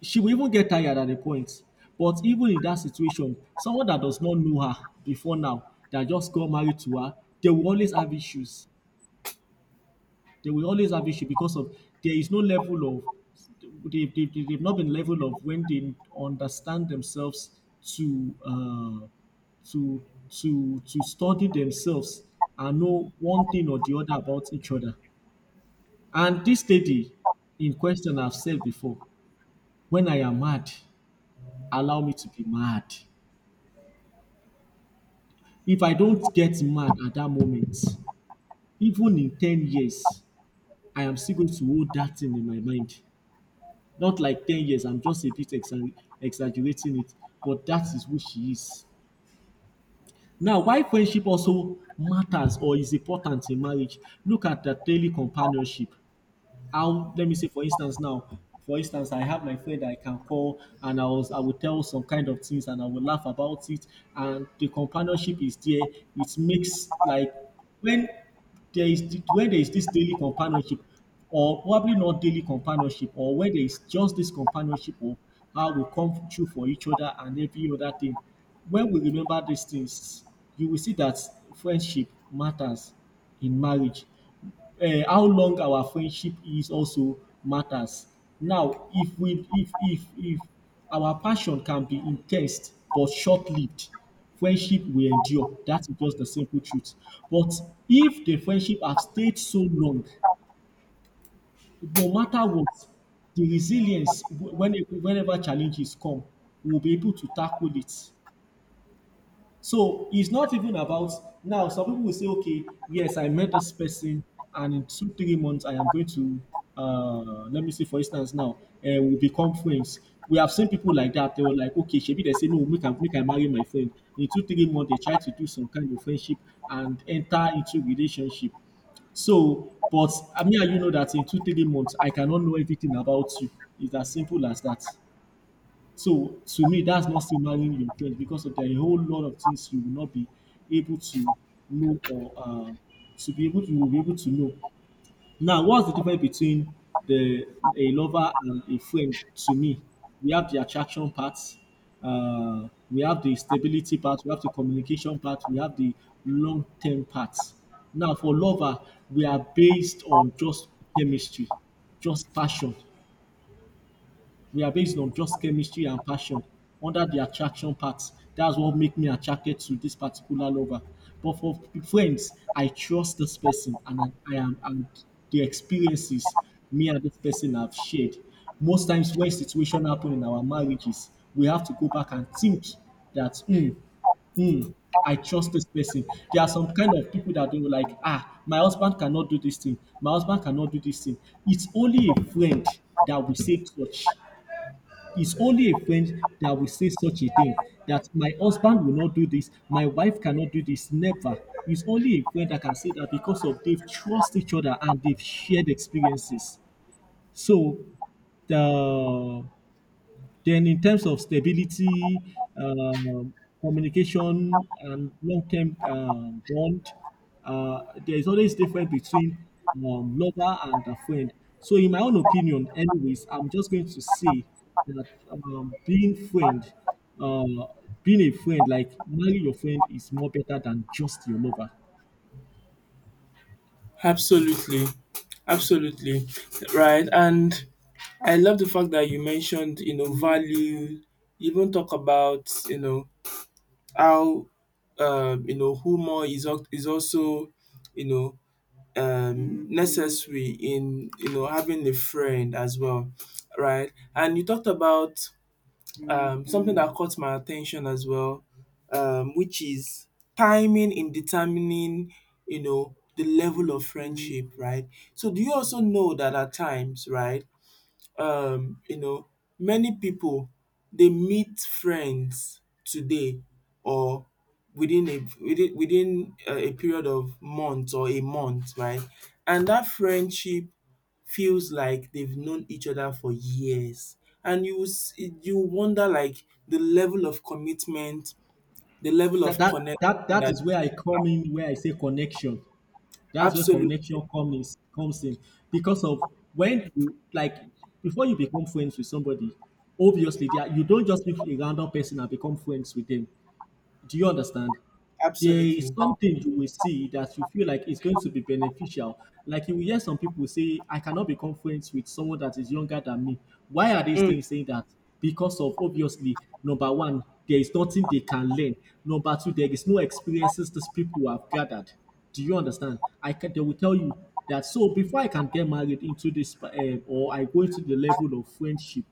Speaker 2: she will even get tired at a point. But even in that situation, someone that does not know her before now, that just got married to her, they will always have issues. They will always have issue because of there is no level of they've not been level of when they understand themselves to uh, to to study themselves and know one thing or the other about each other. And this lady in question, I've said before, when I am mad, allow me to be mad. If I don't get mad at that moment, even in 10 years, I am still going to hold that thing in my mind. Not like 10 years. I'm just a bit exaggerating it, but that is who she is. Now, why friendship also matters or is important in marriage, look at the daily companionship. How, let me say, for instance now, for instance, I have my friend that I can call and I will tell some kind of things and I will laugh about it, and the companionship is there. It makes like when there is when there is this daily companionship, or probably not daily companionship, or when there is just this companionship of how we come through for each other and every other thing, when we remember these things, you will see that friendship matters in marriage. Um, how long our friendship is also matters. Now, if we if our passion can be in ten se but short-lived, friendship will endure. That is just the simple truth. But if the friendship have stayed so long, no matter what, the resilience whenever challenges come, we will be able to tackle it. So it's not even about now. Some people will say, okay, yes, I met this person, and in two, 3 months, I am going to, let me see, for instance, now, we become friends. We have seen people like that. They were like, okay, maybe they say, no, make I marry my friend. In two, 3 months, they try to do some kind of friendship and enter into relationship. So, but I mean, you know that in two, 3 months, I cannot know everything about you. It's as simple as that. So to me, that's not signaling your friend because of there are a whole lot of things you will not be able to know or to be able to you will be able to know. Now, what's the difference between the a lover and a friend? To me, we have the attraction part, we have the stability part, we have the communication part, we have the long term part. Now, for lover, we are based on just chemistry, just passion we are based on just chemistry and passion under the attraction part. That's what make me attracted to this particular lover. But for friends, I trust this person and I am and the experiences me and this person have shared. Most times when situation happen in our marriages, we have to go back and think that hmm, I trust this person. There are some kind of people that they were like, ah, my husband cannot do this thing, my husband cannot do this thing. It's only a friend that will say such it's only a friend that will say such a thing. That my husband will not do this, my wife cannot do this, never. It's only a friend that can say that because of they've trust each other and they've shared experiences. So the then in terms of stability, um, communication, and long-term bond, uh, there is always difference between lover and a friend. So in my own opinion, anyways, I'm just going to say that uh, being a friend, like marry your friend, is more better than just your lover.
Speaker 1: absolutely. Absolutely. Right. And I love the fact that you mentioned, you know, value. You even talk about, how, humor is, is also, you know, necessary in, having a friend as well, right? And you talked about something that caught my attention as well, which is timing in determining, the level of friendship, right? So do you also know that at times, right? um you know many people, they meet friends today, or within a within within a period of months or a month, right, and that friendship feels like they've known each other for years, and you wonder, like, the level of commitment, the level
Speaker 2: That
Speaker 1: of
Speaker 2: that
Speaker 1: connection
Speaker 2: that that
Speaker 1: that
Speaker 2: is where I come in, where I say connection. That's where
Speaker 1: absolutely,
Speaker 2: connection comes in because of when you like before you become friends with somebody, obviously they are, you don't just meet a random person and become friends with them. Do you understand? There is
Speaker 1: absolutely.
Speaker 2: something you will see that you feel like it's going to be beneficial. Like you will hear some people say, I cannot become friends with someone that is younger than me. Why are these
Speaker 1: um
Speaker 2: things saying that? Because of obviously, number one, there is nothing they can learn. Number two, there is no experiences these people have gathered. Do you understand? I can, they will tell you that. So before I can get married into this, or I go into the level of friendship,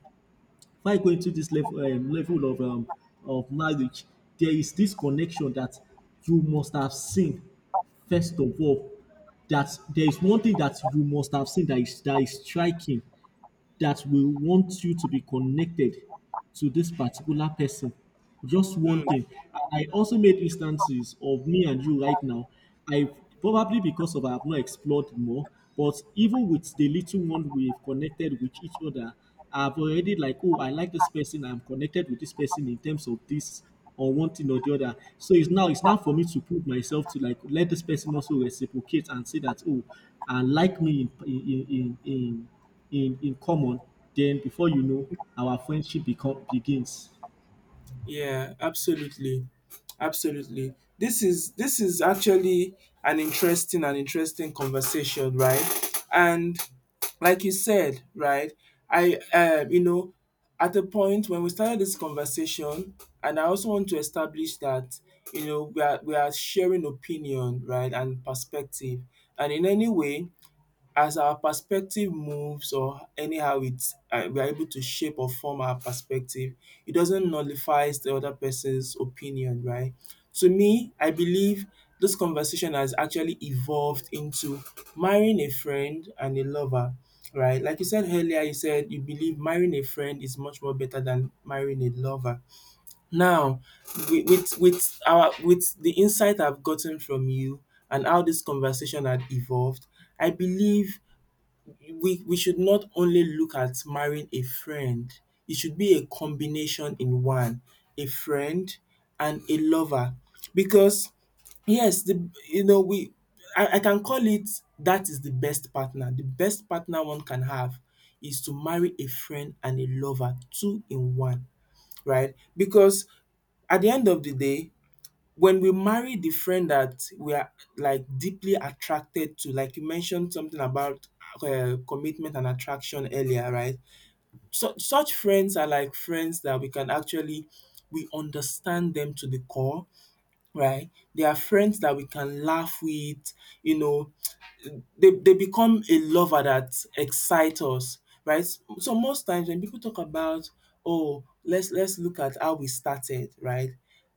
Speaker 2: before going to this level of marriage, there is this connection that you must have seen first of all. That there is one thing that you must have seen that is striking that will want you to be connected to this particular person. Just one
Speaker 1: um.
Speaker 2: thing. And I also made instances of me and you right now. I probably because of I have not explored more, but even with the little one we've connected with each other, I've already like, oh, I like this person, I'm connected with this person in terms of this or one thing or the other. So it's now for me to put myself to like let this person also reciprocate and say that oh, and like me in common, then before you know, our friendship become begins.
Speaker 1: Yeah, absolutely. Absolutely. This is, actually an interesting conversation, right? And like you said, right? I, at the point when we started this conversation, and I also want to establish that, we are, sharing opinion, right, and perspective. And in any way, as our perspective moves, or anyhow it's we are able to shape or form our perspective, it doesn't nullifies the other person's opinion, right? To me, I believe this conversation has actually evolved into marrying a friend and a lover, right? Like you said earlier, you said you believe marrying a friend is much more better than marrying a lover. Now, with the insight I've gotten from you and how this conversation had evolved, I believe we should not only look at marrying a friend. It should be a combination in one, a friend and a lover. Because, yes, the you know we I can call it, that is the best partner. The best partner one can have is to marry a friend and a lover, two in one, right? Because at the end of the day, when we marry the friend that we are like deeply attracted to, like you mentioned something about commitment and attraction earlier, right? So, such friends are like friends that we can actually we understand them to the core, right? They are friends that we can laugh with, you know, they become a lover that excites us, right? So most times when people talk about, oh, let's look at how we started, right?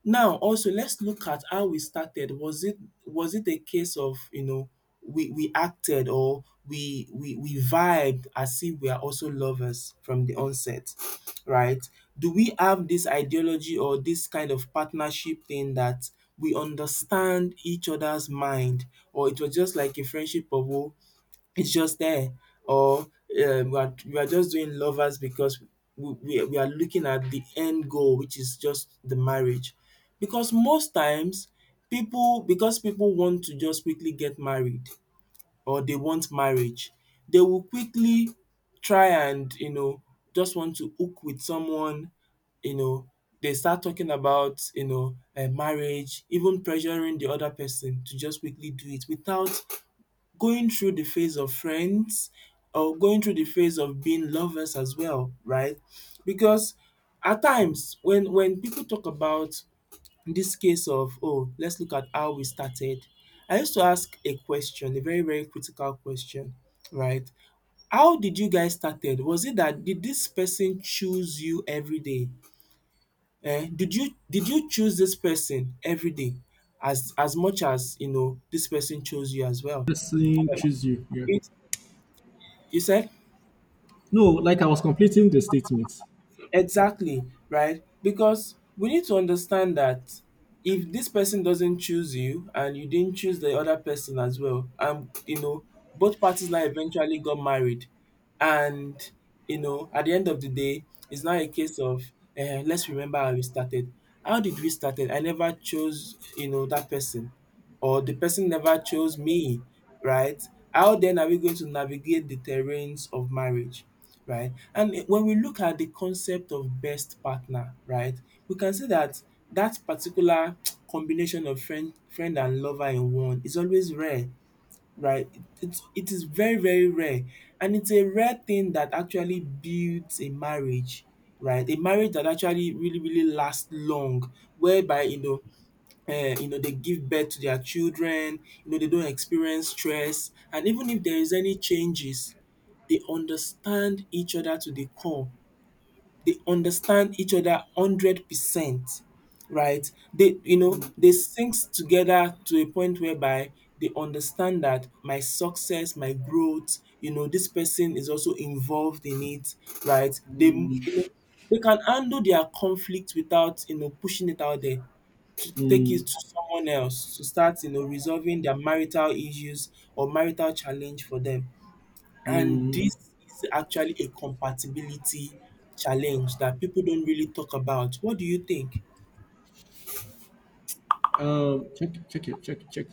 Speaker 1: Now also let's look at how we started. Was it a case of, we acted, or we vibed as if we are also lovers from the onset, right? Do we have this ideology or this kind of partnership thing that we understand each other's mind, or it was just like a friendship of, oh, it's just there, or, we are just doing lovers because we are looking at the end goal, which is just the marriage, because most times people want to just quickly get married, or they want marriage, they will quickly try and, just want to hook with someone, you know, they start talking about, marriage, even pressuring the other person to just quickly do it without going through the phase of friends or going through the phase of being lovers as well, right? Because at times when people talk about this case of, oh, let's look at how we started, I used to ask a question, a very very critical question, right. How did you guys started? Was it that did this person choose you everyday? Eh? Did you choose this person everyday as much as, this person chose you as well?
Speaker 2: Person choose you. Yeah.
Speaker 1: It, You said?
Speaker 2: No, like I was completing the statement.
Speaker 1: Exactly, right? Because we need to understand that if this person doesn't choose you and you didn't choose the other person as well, both parties now eventually got married, and, at the end of the day, it's not a case of, let's remember how we started. How did we started? I never chose, that person, or the person never chose me, right? How then are we going to navigate the terrains of marriage, right? And when we look at the concept of best partner, right, we can see that that particular combination of friend and lover in one is always rare, right? It is very very rare, and it's a rare thing that actually builds a marriage, right? A marriage that actually really really lasts long, whereby, they give birth to their children, they don't experience stress, and even if there is any changes, they understand each other to the core. They understand each other 100%, right. They, they sync together to a point whereby they understand that my success, my growth, this person is also involved in it, right. They, they can handle their conflict without, pushing it out there, take
Speaker 2: Mm,
Speaker 1: it to someone else to start, resolving their marital issues or marital challenge for them, and this is actually a compatibility challenge that people don't really talk about. What do you think?
Speaker 2: check, check.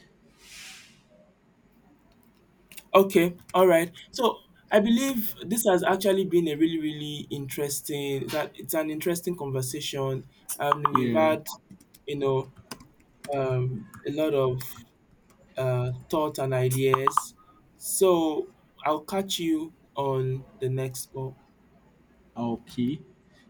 Speaker 1: Okay, all right, so I believe this has actually been a really really interesting, that it's an interesting conversation, and we've
Speaker 2: Yeah.
Speaker 1: had, you know a lot of thoughts and ideas. So I'll catch you on the next call.
Speaker 2: Okay.